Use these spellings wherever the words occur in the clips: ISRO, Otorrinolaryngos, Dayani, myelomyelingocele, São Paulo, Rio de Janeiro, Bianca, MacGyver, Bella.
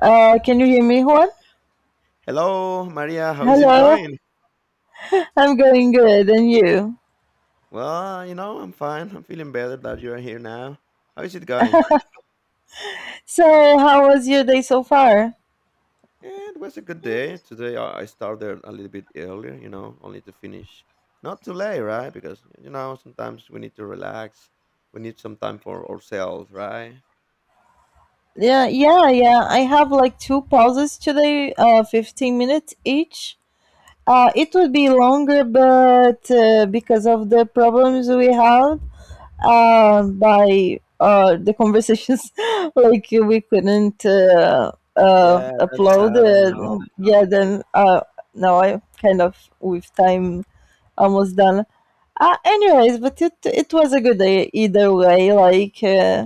Can you hear me, Juan? Hello, Maria. How is it Hello. going? I'm going good, and you? Well, I'm fine. I'm feeling better that you are here now. How is it going? So, how was your day so far? It was a good day. Today I started a little bit earlier, only to finish not too late, right? Because, sometimes we need to relax. We need some time for ourselves, right? Yeah, yeah, yeah, I have like two pauses today, 15 minutes each. It would be longer, but because of the problems we had by the conversations, like we couldn't Yeah, that's upload. sad. I know. Yeah, then now I kind of with time almost done. Anyways, but it was a good either way. Like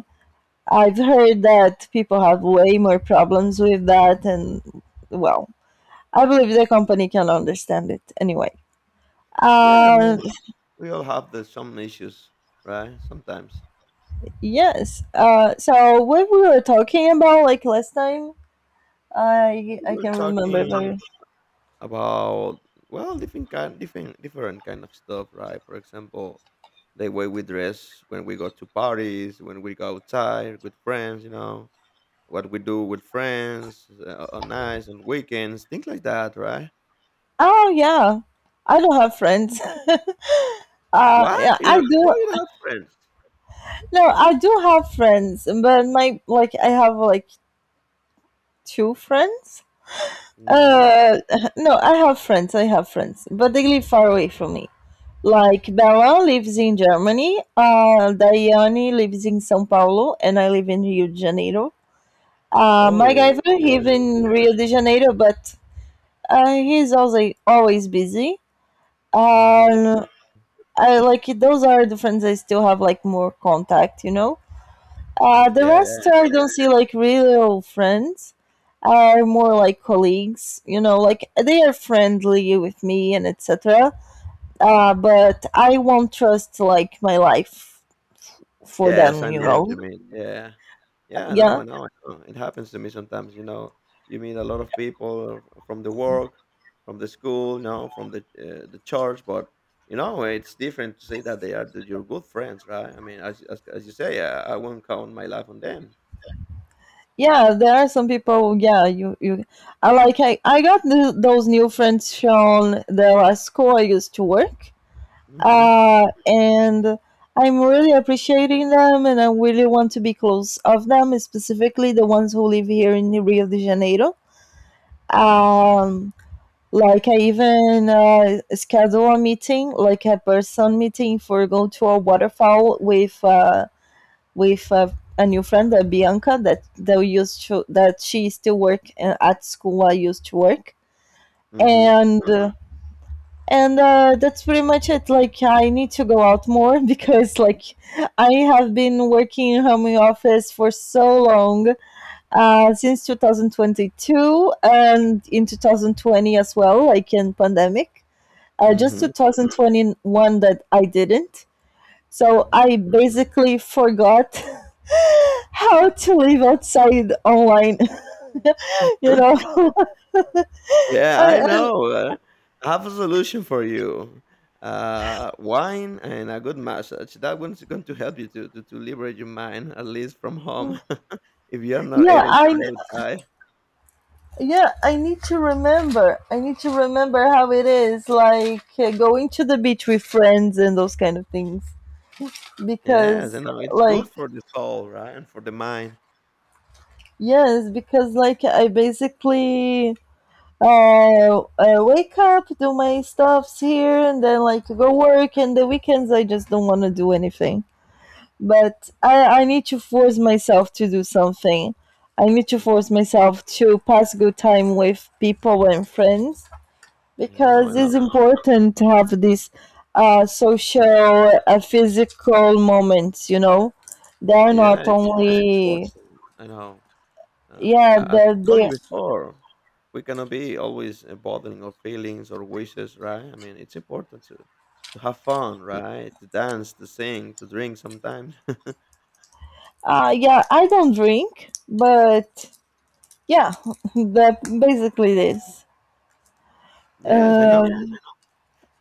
I've heard that people have way more problems with that, and well, I believe the company can understand it anyway. Yeah, I Uh, mean, we all have some issues, right? Sometimes yes. So what we were talking about like last time, I we I were can remember talking. very. About well, different kind different different kind of stuff, right? For example, the way we dress, when we go to parties, when we go outside with friends, what we do with friends, on nights and weekends, things like that, right? Oh yeah, I don't have friends. What? Yeah, You I know why do. you don't have friends? No, I do have friends, but my like I have like two friends. Hmm. Uh, no, I have friends. I have friends, but they live far away from me. Like Bella lives in Germany, Dayani lives in São Paulo, and I live in Rio de Janeiro. Oh MacGyver he yeah. lives in Rio de Janeiro, but he's also always busy. Mm, Um, okay. I like those are the friends I still have like more contact, you know. Mm, The yeah, rest yeah. I don't see like real friends are more like colleagues, you know, like they are friendly with me and etc. But I won't trust like my life for Yes, them, I you know what know. you mean. Yeah. Yeah, I know, Yeah, I know, I know. It happens to me sometimes, you know. You meet a lot of people from the work, from the school, from the church, but it's different to say that they are your good friends, right? I mean, as you say, I won't count my life on them. yeah. There are some people. Yeah, you. I like I got those new friends from the last school I used to work, Mhm. And I'm really appreciating them, and I really want to be close of them, specifically the ones who live here in Rio de Janeiro. Um, like I even schedule a meeting, like a person meeting for go to a waterfall with with uh, a new friend, Bianca, that we used to that she still work at school I used to work, Mhm. and. That's pretty much it like I need to go out more because like I have been working in home office for so long since 2022 and in 2020 as well like in pandemic, just Mhm. 2021 that I didn't, so Mhm. I basically forgot how to live outside online. You know. Yeah, I I, I, know. I have a solution for you. Wine and a good massage. That one's going to help you to liberate your mind, at least from home, if you're not yeah, able I to go outside. yeah, I need to remember. I need to remember how it is, like going to the beach with friends and those kind of things. Yes, Because, I know. It's like, good for the soul, right? And for the mind. yes, because, like, I basically wake up, do my stuffs here, and then, like, go work, and the weekends I just don't want to do anything. But I need to force myself to do something. I need to Mhm. force myself to pass good time with people and friends I know, because I know. it's important to have these Mhm. social, physical moments. You know, they're Yeah, not it's only important. I know. And yeah. a- as They're I told they. you before, we cannot be always bottling our feelings or wishes, right? I mean, it's important to have fun, right? To dance, to sing, to drink sometimes. Yeah, I don't drink, but yeah, that basically this. Yes, I know. Um,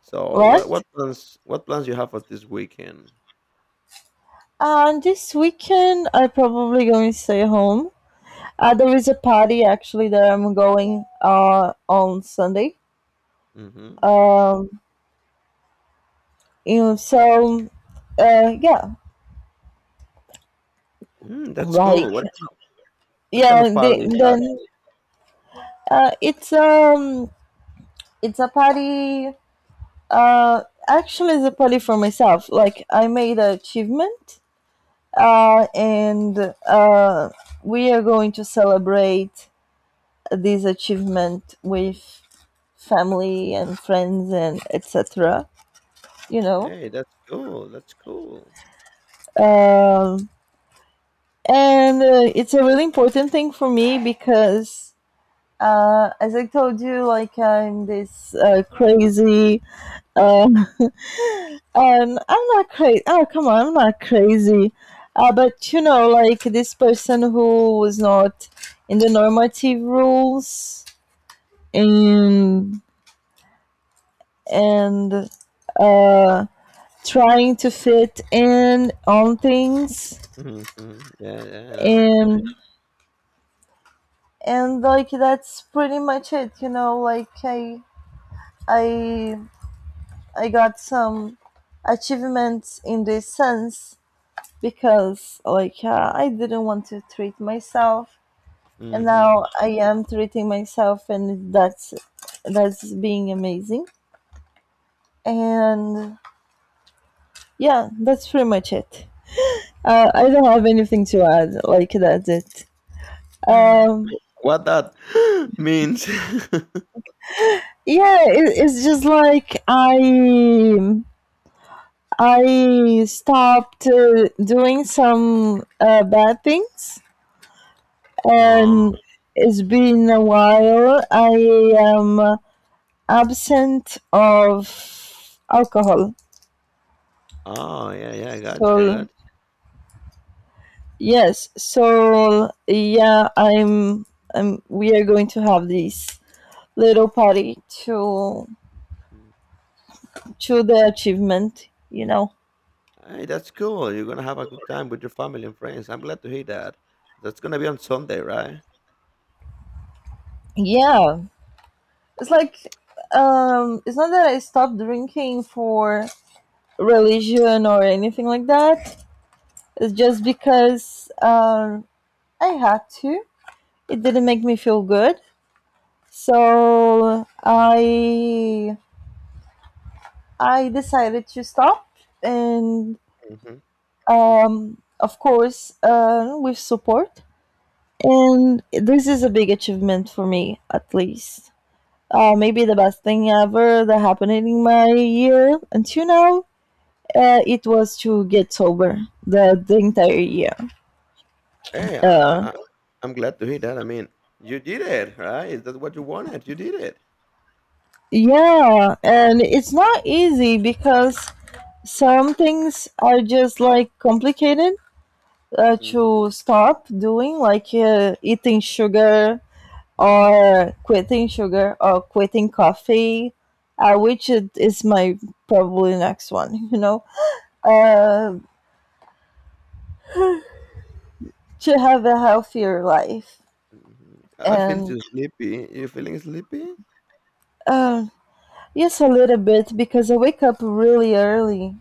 So, what what? what plans what plans you have for this weekend? And this weekend, I probably going to stay home. There is a party actually that I'm going on Sunday. Hmm. Um, you know, so yeah, Mm, that's like cool. What kind of yeah they, party is that? then uh, it's um it's a party, actually it's a party for myself like I made an achievement, and uh we are going to celebrate this achievement with family and friends and etc, you know. Hey, that's cool. That's cool. um and it's a really important thing for me because as I told you like I'm this crazy. Um, and I'm not crazy. Oh, come on, I'm not crazy. But you know, like this person who was not in the normative rules and and uh, trying to fit in on things Mm-hmm. Yeah, yeah, I know, I know. and and like that's pretty much it. You know, like I I got some achievements in this sense because like I didn't want to treat myself and Mm-hmm. now I am treating myself and that's being amazing and yeah that's pretty much it. I don't have anything to add like that's it. um What that means? yeah it's just like I stopped doing some bad things, Oh, and it's been a while I am absent of alcohol. oh, yeah, yeah, I got you. I So got yes, so yeah, I'm. I'm we are going to have this little party Mm. to the achievement. You know. Hey, that's cool. You're gonna have a good time with your family and friends. I'm glad to hear that. That's gonna be on Sunday, right? Yeah, it's like it's not that I stopped drinking for religion or anything like that. It's just because I had to. It didn't make me feel good, so I decided to stop, and Mhm. Of course, with support. And this is a big achievement for me, at least. Maybe the best thing ever that happened in my year until now. It was to get sober the entire year. Hey, I, Uh, I, I- am glad to hear that. I mean, you did it, right? Is that what you wanted? You did it. yeah, and it's not easy because some things are just like complicated Mhm, to stop doing, like eating sugar or quitting coffee, which is my probably next one, you know, uh, to have a healthier life. mhm. I feel so And sleepy. You feeling sleepy? uh, yes, a little bit because I wake up really early.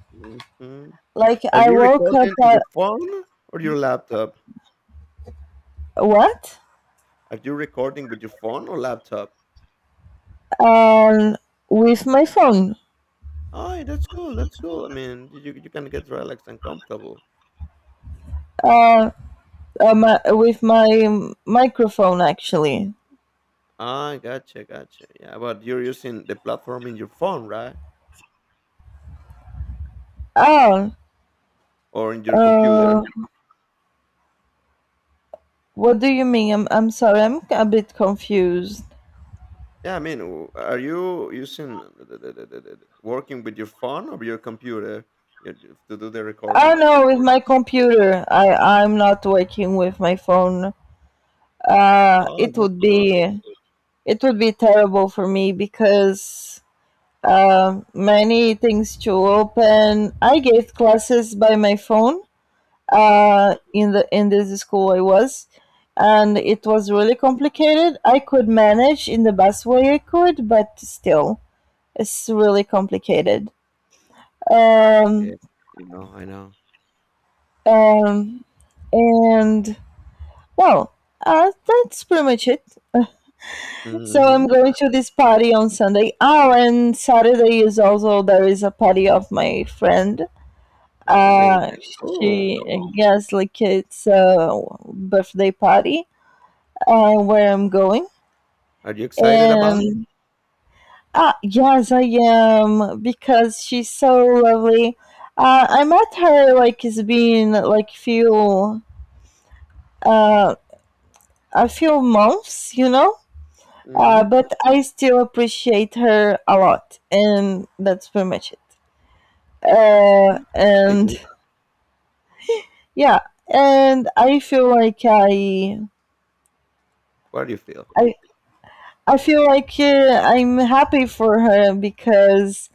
Hmm. Like Are I you woke up recording in at your phone or your laptop? what? Are you recording with your phone or laptop? Um, with my phone. Oh, that's cool. That's cool. I mean, you can get relaxed and comfortable. Uh, with my microphone actually. Ah, gotcha, gotcha. Yeah, but you're using the platform in your phone, right? Oh, Or in your uh, computer? what do you mean? I'm sorry, I'm a bit confused. Yeah, I mean, are you using working with your phone or your computer to do the Oh recordings? no, with my computer. I'm not working with my phone. Uh, Oh, it that's would cool. That's be it would be terrible for me because many things to open. I gave classes by my phone cool. Hmm. In the in this school I was, and it was really complicated. I could manage in the best way I could, but still, it's really complicated. Mm, yeah, Um, you know, I know. um, and well, that's pretty much it. So I'm Mm-hmm. going to this party on Sunday. Oh, and Saturday is also there is a party of my friend. Hey, that's Uh, cool. she I guess like it's a birthday party where I'm going. Are you excited about it? And ah, yes, I am because she's so lovely. I met her like it's been like few uh, a few months, you know. Mm-hmm. But I still appreciate her a lot, and that's pretty much it. Happy to. And Yeah, and I feel like What do you feel? I, I feel like I'm happy for her because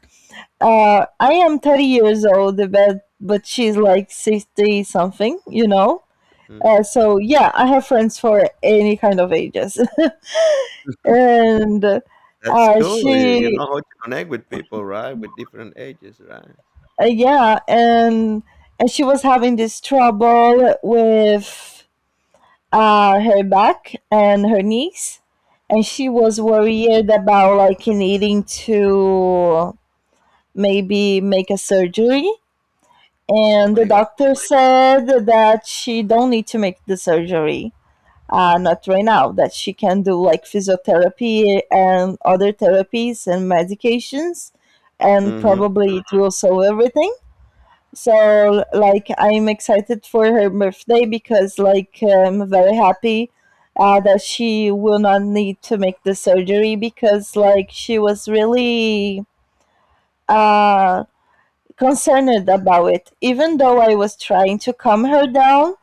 I am 30 years old, but she's like 60 something, you know. Mm. So yeah, I have friends for any kind of ages, and That's cool. You she know how to connect with people, right? With different ages, right? Yeah, and she was having this trouble with her back and her knees, and she was Mm-hmm. worried about like needing to maybe make a surgery. Oh And the my God. doctor said that she don't need to make the surgery, not right now. That she can do like physiotherapy and other therapies and medications, and Mhm, probably it will solve everything, so like I'm excited for her birthday because like I'm very happy that she will not need to make the surgery because like she was really uh, concerned about it. Even though I was trying to calm her down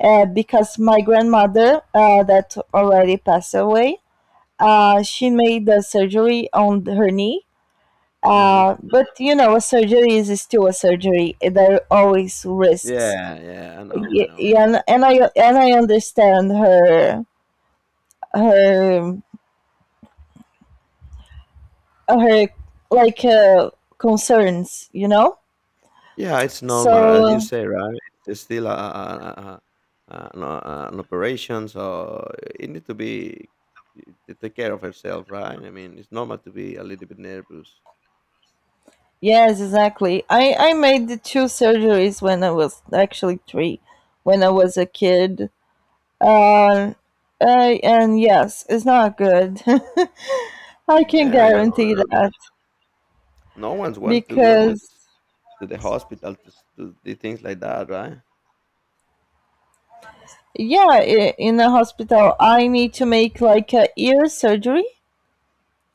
because my grandmother that already passed away, she made the surgery on her knee. mhm. But you know, a surgery is still a surgery. There are always risks. Yeah, yeah, I know, I know, I know. Yeah, and I understand her her her like concerns, you know. Yeah, it's normal, So as you say, right? It's still a an operation, so it need to be to take care of herself, right? I mean, it's normal to be a little bit nervous. yes, exactly. I made the two surgeries when I was actually three, when I was a kid. Uh, and yes, it's not good. I can Yeah, I know. guarantee that No one's want to go to because to the hospital to to do things like that, right? yeah, in the hospital I need to make like a ear surgery.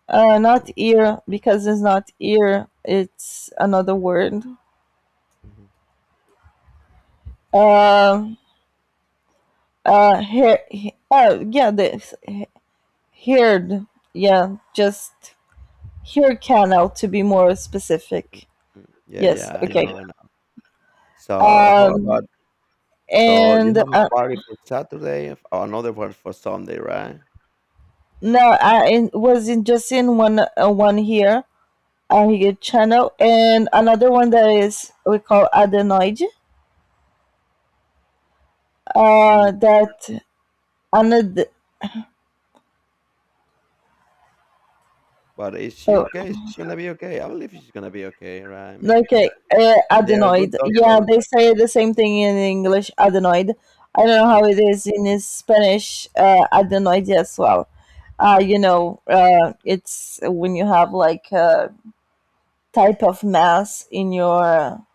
Mhm, Not ear because it's not ear. It's another word. mhm, Um, Hair. Yeah, this heard. Yeah, just hear canal to be more specific. mm. Yeah, Yes. yeah, Yeah, I okay. know, I know. So Yeah. how about so you And have a party for Saturday, another one for Sunday, right? No, I in, was in just in one one here. Here channel and another one that is we call adenoid. Mm, That another. but is she Oh, okay? She's gonna be okay. I believe she's gonna be okay, right? I mean, okay, th they are good adenoid. Yeah, doctors. they say the same thing in English, adenoid. I don't know how Mm. it is in his Spanish, adenoid as well. You know, it's when you have like a type of mass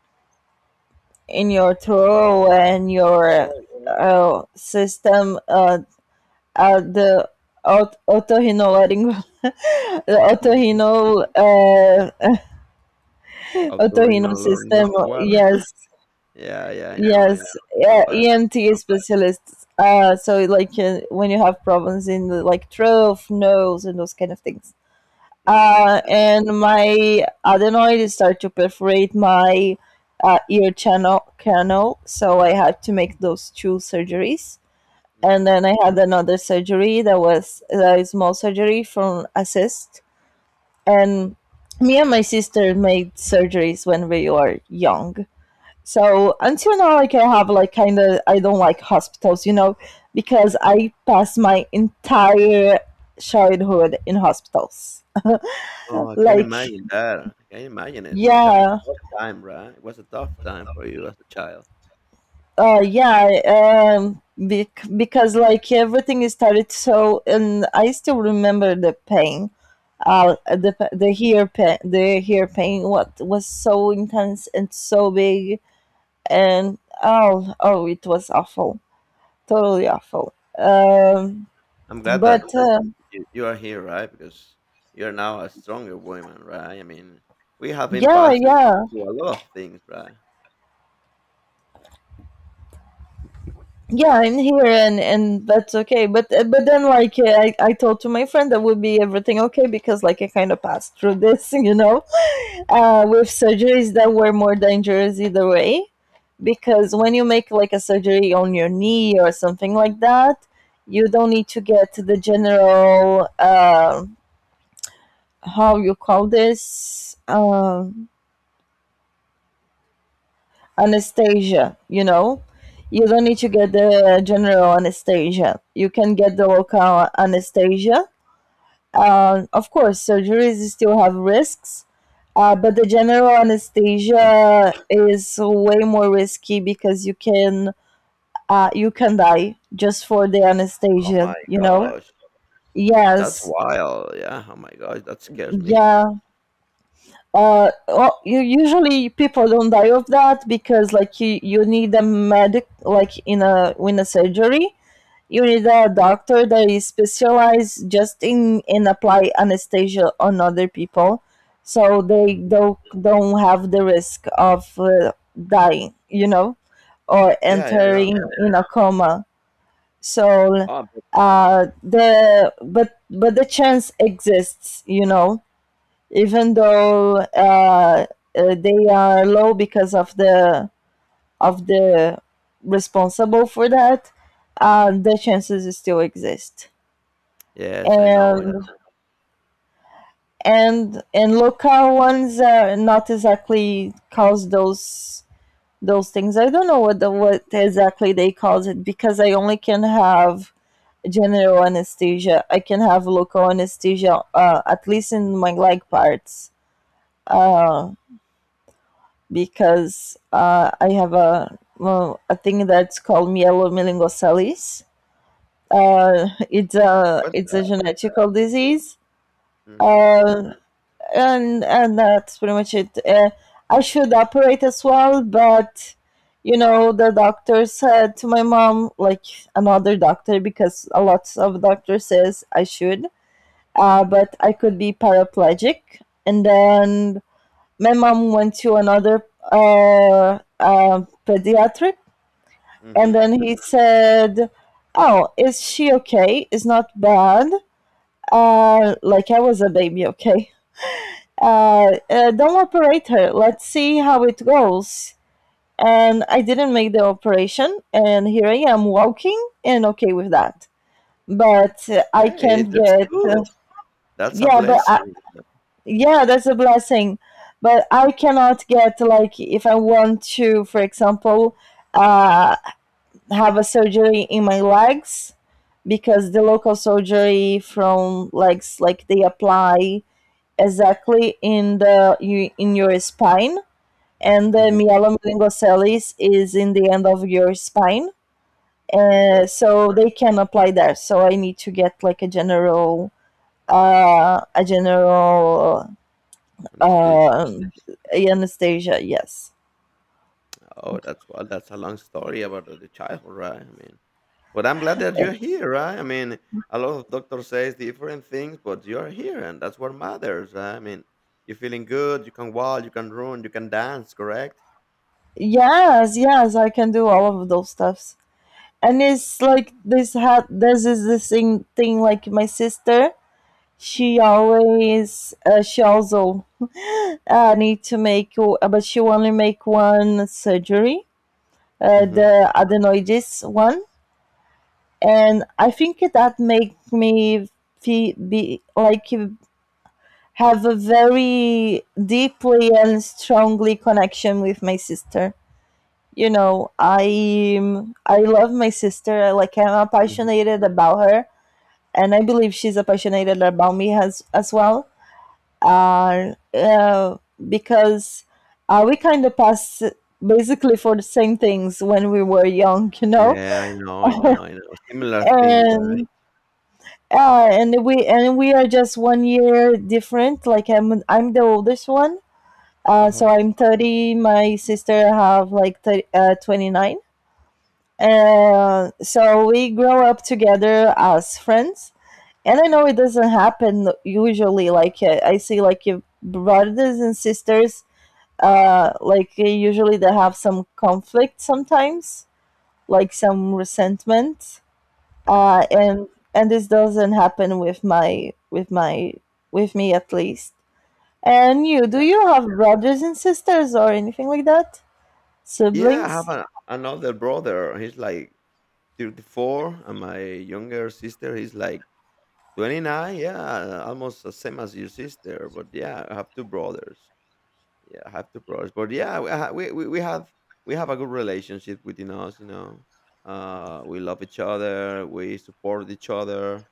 in your throat and your Oh, yeah. System. The otorinolaryng the Mhm. Otorhinol system. Otorrinolaryngos what? Yes, Yeah, yeah, I know, I know, Yes, I know, yeah, but EMT specialists. So like when you have problems in the like throat, nose, and those kind of things. Mhm, And my adenoid started to perforate my ear channel canal, so I had to make those two surgeries. And mhm. then I had another surgery that was a small surgery from a cyst. And me and my sister made surgeries when we were young, so until now, like I have like kind of I don't like hospitals, you know, because I passed my entire childhood in hospitals. Oh, I can Like imagine that. I can imagine it. It's kind of yeah, tough time, right? It was a tough time for you as a child. because like everything is started, so and I still remember the pain, Mm. the hair pain, the hair pain, what was so intense and so big, and oh, oh, it was awful, totally awful. Um, I'm glad that but th you you are here, right? Because you're now a stronger woman, right? I mean, we have been yeah past yeah through a lot of things, right? yeah I'm here and that's okay, but then I told to my friend that would be everything okay because like I kind of passed through this with surgeries that were more dangerous either way, because when you make like a surgery on your knee or something like that, you don't need to get the general how you call this, anesthesia, you know? You don't need to get the general anesthesia. You can get the local anesthesia. Of course, surgeries still have risks, but the general anesthesia is way more risky because you can die just for the Oh my anesthesia, you know? gosh. That's Yes. wild. Yeah. Oh my gosh. That scares me. Yeah. Usually people don't die of that because you need a medic, like in a surgery you need a doctor that is specialized just in apply anesthesia on other people, so they Mhm. don't have the risk of dying, you know, or Yeah. Yeah. I know. entering in a coma. so Oh, but uh mm, the but but the chance exists, you know, even though they are low because of the responsible for that, the chances still exist. yes. I know. I know. And and local ones are not exactly cause those things. I don't know what the, what exactly they cause it, because I only can have general anesthesia. I can have local anesthesia, at least Mhm. in my leg parts, uh, because I have a, well, a thing that's called myelomyelingocele. It's a What's it's a that? genetical disease, Hmm. uh, and that's pretty much it. I should operate as well, but you know, the doctor said to my mom, like another doctor, because a lot of doctors says I should, but I could be paraplegic. And then my mom went to another pediatric, and Hmm. then he said, "Oh, is she okay? It's not bad." Uh, like I was a baby, okay? Don't operate her. Let's see how it goes. And I didn't make the operation, and here I am walking and okay with that. But I Hey, can't that's get, cool. That's a yeah, but I, blessing. Yeah, that's a blessing. But I cannot get, like, if I want to, for example, uh, have a surgery in my legs, because the local surgery from legs, like, they apply exactly in the in your spine, and the Hmm. myelin meningoceles is in the end of your spine. Oh my god. So they can apply there. So I need to get like a general uh, a general And uh, anesthesia. Yes, Oh, that's well. That's a long story about the childhood, right? I mean, but I'm glad that you're here, right? I mean, a lot of doctors says different things, but you're here, and that's what matters. Right? I mean, you're feeling good. You can walk. You can run. You can dance. Correct? yes, yes. I can do all of those stuffs. And it's like this is the same thing like my sister. She always she also need to make, but she only make one surgery, Mhm, the adenoides one, and I think that make me be like have a very deeply and strongly connection with my sister. You know, I love my sister. Like I'm mhm. passionate about her, and I believe she's passionate about me as well. Uh, uh, because We kind of pass basically for the same things when we were young, you know, Yeah, I know, I know, I know. Similar things, right? and and we are just 1 year different. Like I'm the oldest one, so Uh-huh. I'm 30. My sister have like 30, 29. So we grow up together as friends. And I know it doesn't happen usually. Like I see, like your brothers and sisters usually they have some conflict sometimes, like some resentment, uh, Mhm. and and this doesn't happen with my with my with me, at least. And you, do Yeah. you have brothers and sisters or anything like that? Yeah, I have Siblings? an another brother. He's like 34, and my younger sister is like 29. Yeah, almost the same as your sister. But yeah, I have two brothers. Yeah, I have two brothers. But yeah, we ha we have a good relationship within us, you know. We love each other, we support each other,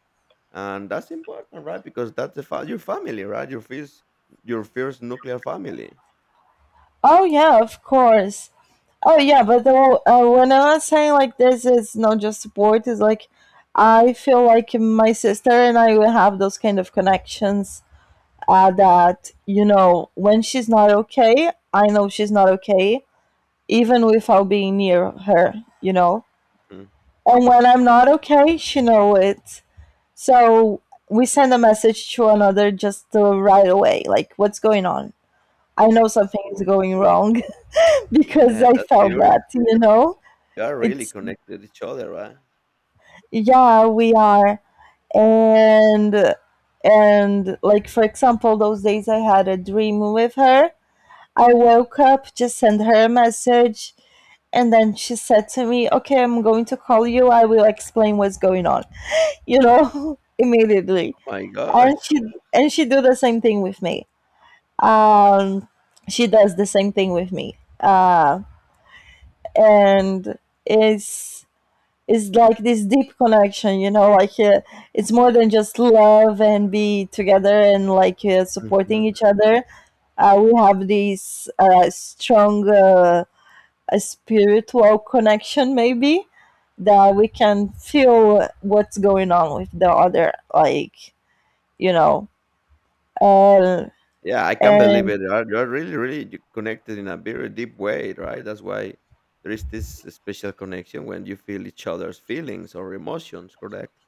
and that's important, right? Because that's your family, right? Your first nuclear family. Oh yeah, of course. Oh yeah, when I was saying, like, this is not just support, it's like I feel like my sister and I will have those kind of connections, that you know when she's not okay, I know she's not okay, even without being near her, you know. Mhm. And when I'm not okay, she know it. So we send a message to another just right away, like what's going on, I know Mm. something is Oh, going wrong. Because yeah, I that's felt that, beautiful. you know. You are really It's connected to each other, right? yeah, we are. and and like, for example, those days I had a dream with her. I woke up, just sent her a message, and then she said to me, "Okay, I'm going to call you. I will explain what's going on," you know, immediately. Oh my And gosh. she and she do the same thing with me. Um, she does the same thing with me. And it's it's like this deep connection, you know, like it's more than just love and be together and like supporting Mhm. each other. We have this strong, uh, a spiritual connection maybe, that we can feel what's going on with the other, like you know. Uh, Yeah, I can't believe and it. You're really really you connected in a very deep way, right? That's why there is this special connection when you feel each other's feelings or emotions, correct?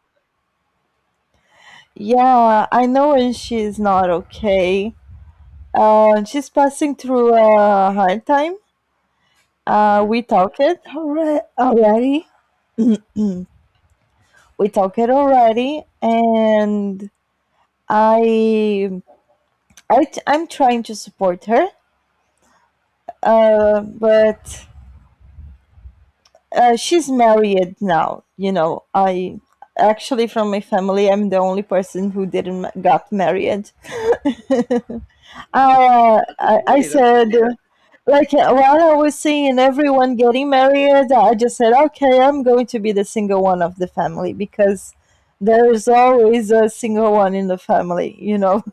Yeah, I know when she's not okay, she's passing through a hard time, uh, Hmm. we talked it alre- already we talked it already, and i, I I'm trying to support her, but she's married now. You know, I actually from my family, I'm the only person who didn't got married. uh, I, I Hey, that's said, okay. uh, like while I was seeing everyone getting married, I just said, okay, I'm going to be the single one of the family, because there is always a single one in the family. You know,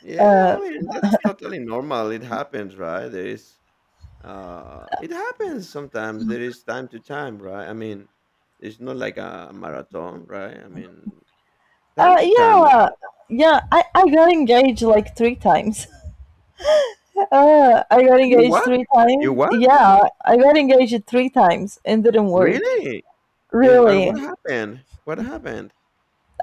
Yeah, uh, I mean, that's totally normal. It happens, right? There is it happens sometimes. There is time to time, right? I mean, it's not like a marathon, right? I mean, time to time. yeah, yeah. I got engaged like three times. I got You engaged what? three You times. what? Yeah, I got engaged three times and didn't work. Really? And Really. what happened? What happened?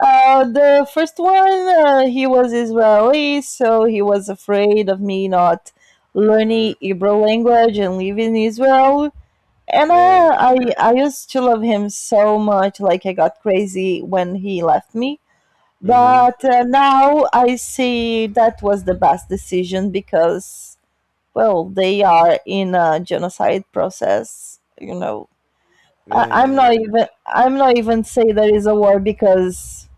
The first one, he was Israeli, so he was afraid of me not Mm, learning Hebrew language and living in Israel. And yeah, yeah. I used to love him so much, like I got crazy when he left me. Hmm. But now I see that was the best decision, because well, they are in a genocide process, you know. Yeah, yeah, yeah. I'm not even say there is a war, because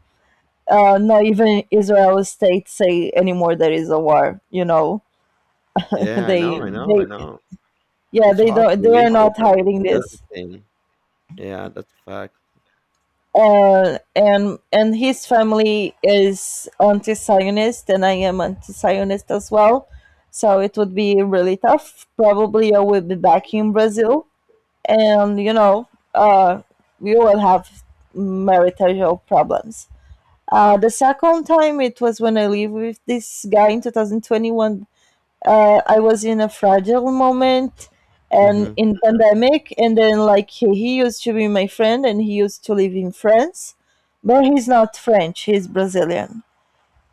not even Israel state say anymore there is a war, you know. Yeah, I they know, I know, they I know. yeah, It's they hard to don't, they are believe, but not that's hiding that's the this. thing. Yeah, that's a fact. And his family is anti-Zionist, and I am anti-Zionist as well. So it would be really tough. Probably I will be back in Mm-hmm. Brazil, and you know, uh, we will have marital problems. The second time it was when I lived with this guy in 2021. I was in a fragile moment and Mm-hmm. in pandemic, and then like he used to be my friend and he used to live in France, but he's not French, he's Brazilian.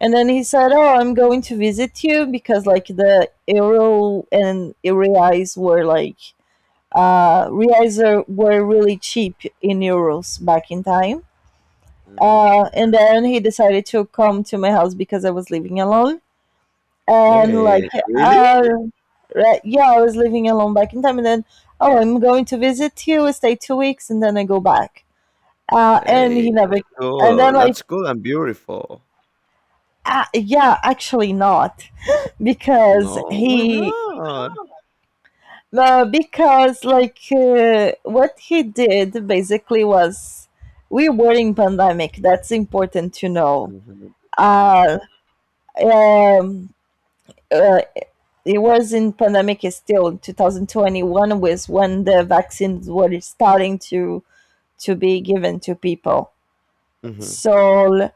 And then he said, "Oh, I'm going to visit you because like the euro and reais were like reais were really cheap in euros back in time." Mm-hmm. And then he decided to come to my house because I was living alone. And like, Hey, really? uh, right, yeah, I was living alone back in time. And then, "Oh, I'm going to visit you, stay 2 weeks, and then I go back." And Hey, he never, that's and cool. then like, That's cool and beautiful. Yeah, actually not, because No, why he, not? no, because like what he did basically was, we were in pandemic. That's important to know. Mhm, mhm, Uh, um, uh, it was in pandemic, still 2021 was when the vaccines were starting to be given to people. mhm, So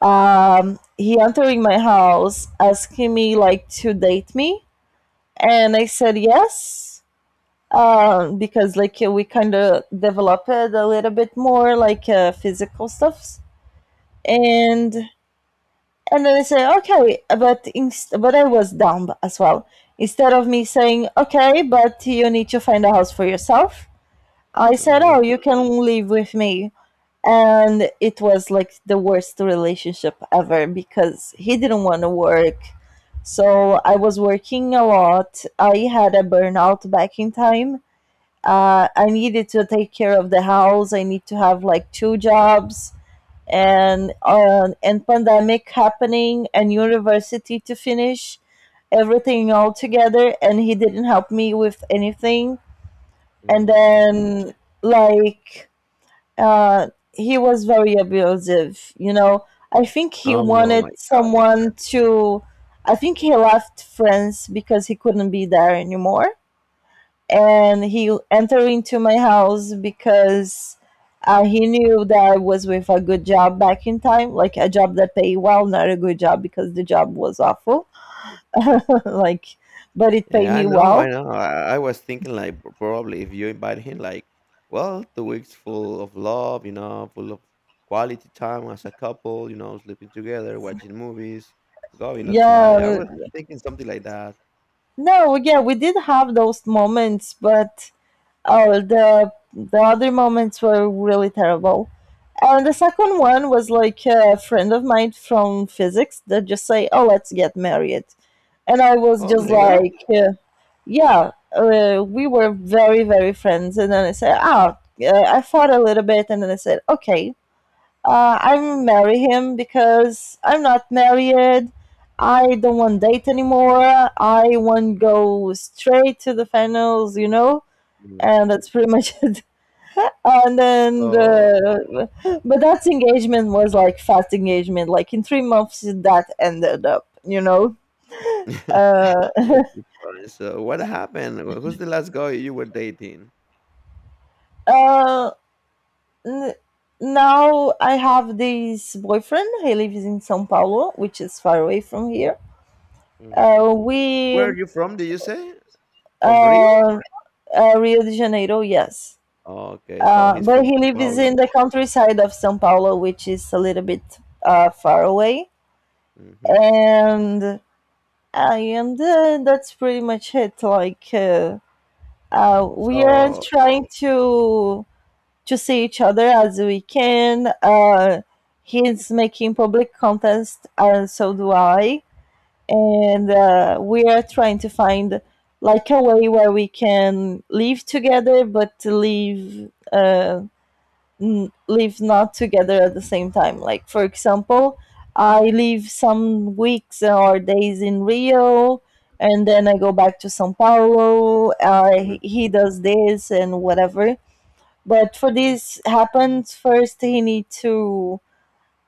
he entered my house asking me like to date me, and I said yes, because we kind of develop it a little bit more like physical stuffs, and and then I say okay, but I was dumb as well. Instead of me saying okay but you need to find a house for yourself, I said, mhm, "Oh, you can live with me." And it was like the worst relationship ever, because he didn't want to work. So I was working a lot, I had a burnout back in time, I needed to take care of the house. I need to have like two jobs, and pandemic happening and university to finish, everything all together. And he didn't help me with anything. And mm, then like he was very abusive. You know, I think he oh wanted my. someone to. I think he left France because he couldn't be there anymore, and he entered into my house because he knew that I was with a good job back in time, like a job that paid well, not a good job because the job was awful, like, but it paid Yeah, I me know, I well. know. I was thinking, like, p probably if you invite him, like, well, the weeks full of love, you know, full of quality time as a couple, you know, sleeping together, watching movies, going outside. I Yeah, was thinking something like that. no, yeah, we did have those moments, but oh, the other moments were really terrible. And the second one was like a friend of mine from physics that just say, "Oh, let's get married," and I was Oh just my god. like. Yeah, we were very, very friends. And then I said, oh, I thought a little bit. And then I said, okay, I'm marry him because I'm not married. I don't want date anymore. I want go straight to the finals, you know? And Mhm. that's pretty much it. And then, So the, but that engagement was like fast engagement. Like in 3 months, that ended up, you know? Uh, I got your point. So what happened? Wh who's the last guy you were dating? uh, N- Now I have this boyfriend. He lives in São Paulo, which is far away from here. Mhm. Where We are you from, did you say? From Rio? uh, Rio de Janeiro, yes, Okay, so he's but from he São lives Paulo. in the countryside of São Paulo, which is a little bit far away. Mhm. And I am the, that's pretty much it. Like we are So trying to see each other as we can. He's making public contests, and so do I. And We are trying to find like a way where we can live together, but to live, live not together at the same time. Like for example, I live some weeks or days in Rio, and then I go back to São Paulo. Mm, He does this and whatever, but for this happens first he need to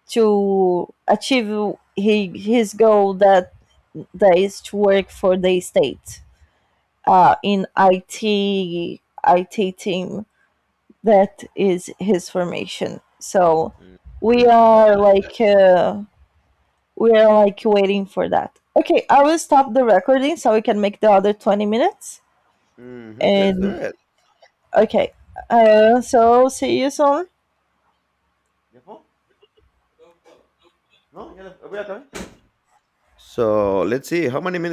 achieve his goal, that is to work for the state uh, in IT IT team. That is his formation. So mm, we yeah, I got are like waiting for that. Okay, I will stop the recording so we can make the other 20 minutes. you. Mhm, let's do And it. okay, so see you soon. ¿Ya fue? No, ya voy a acabar. So let's see how many minutes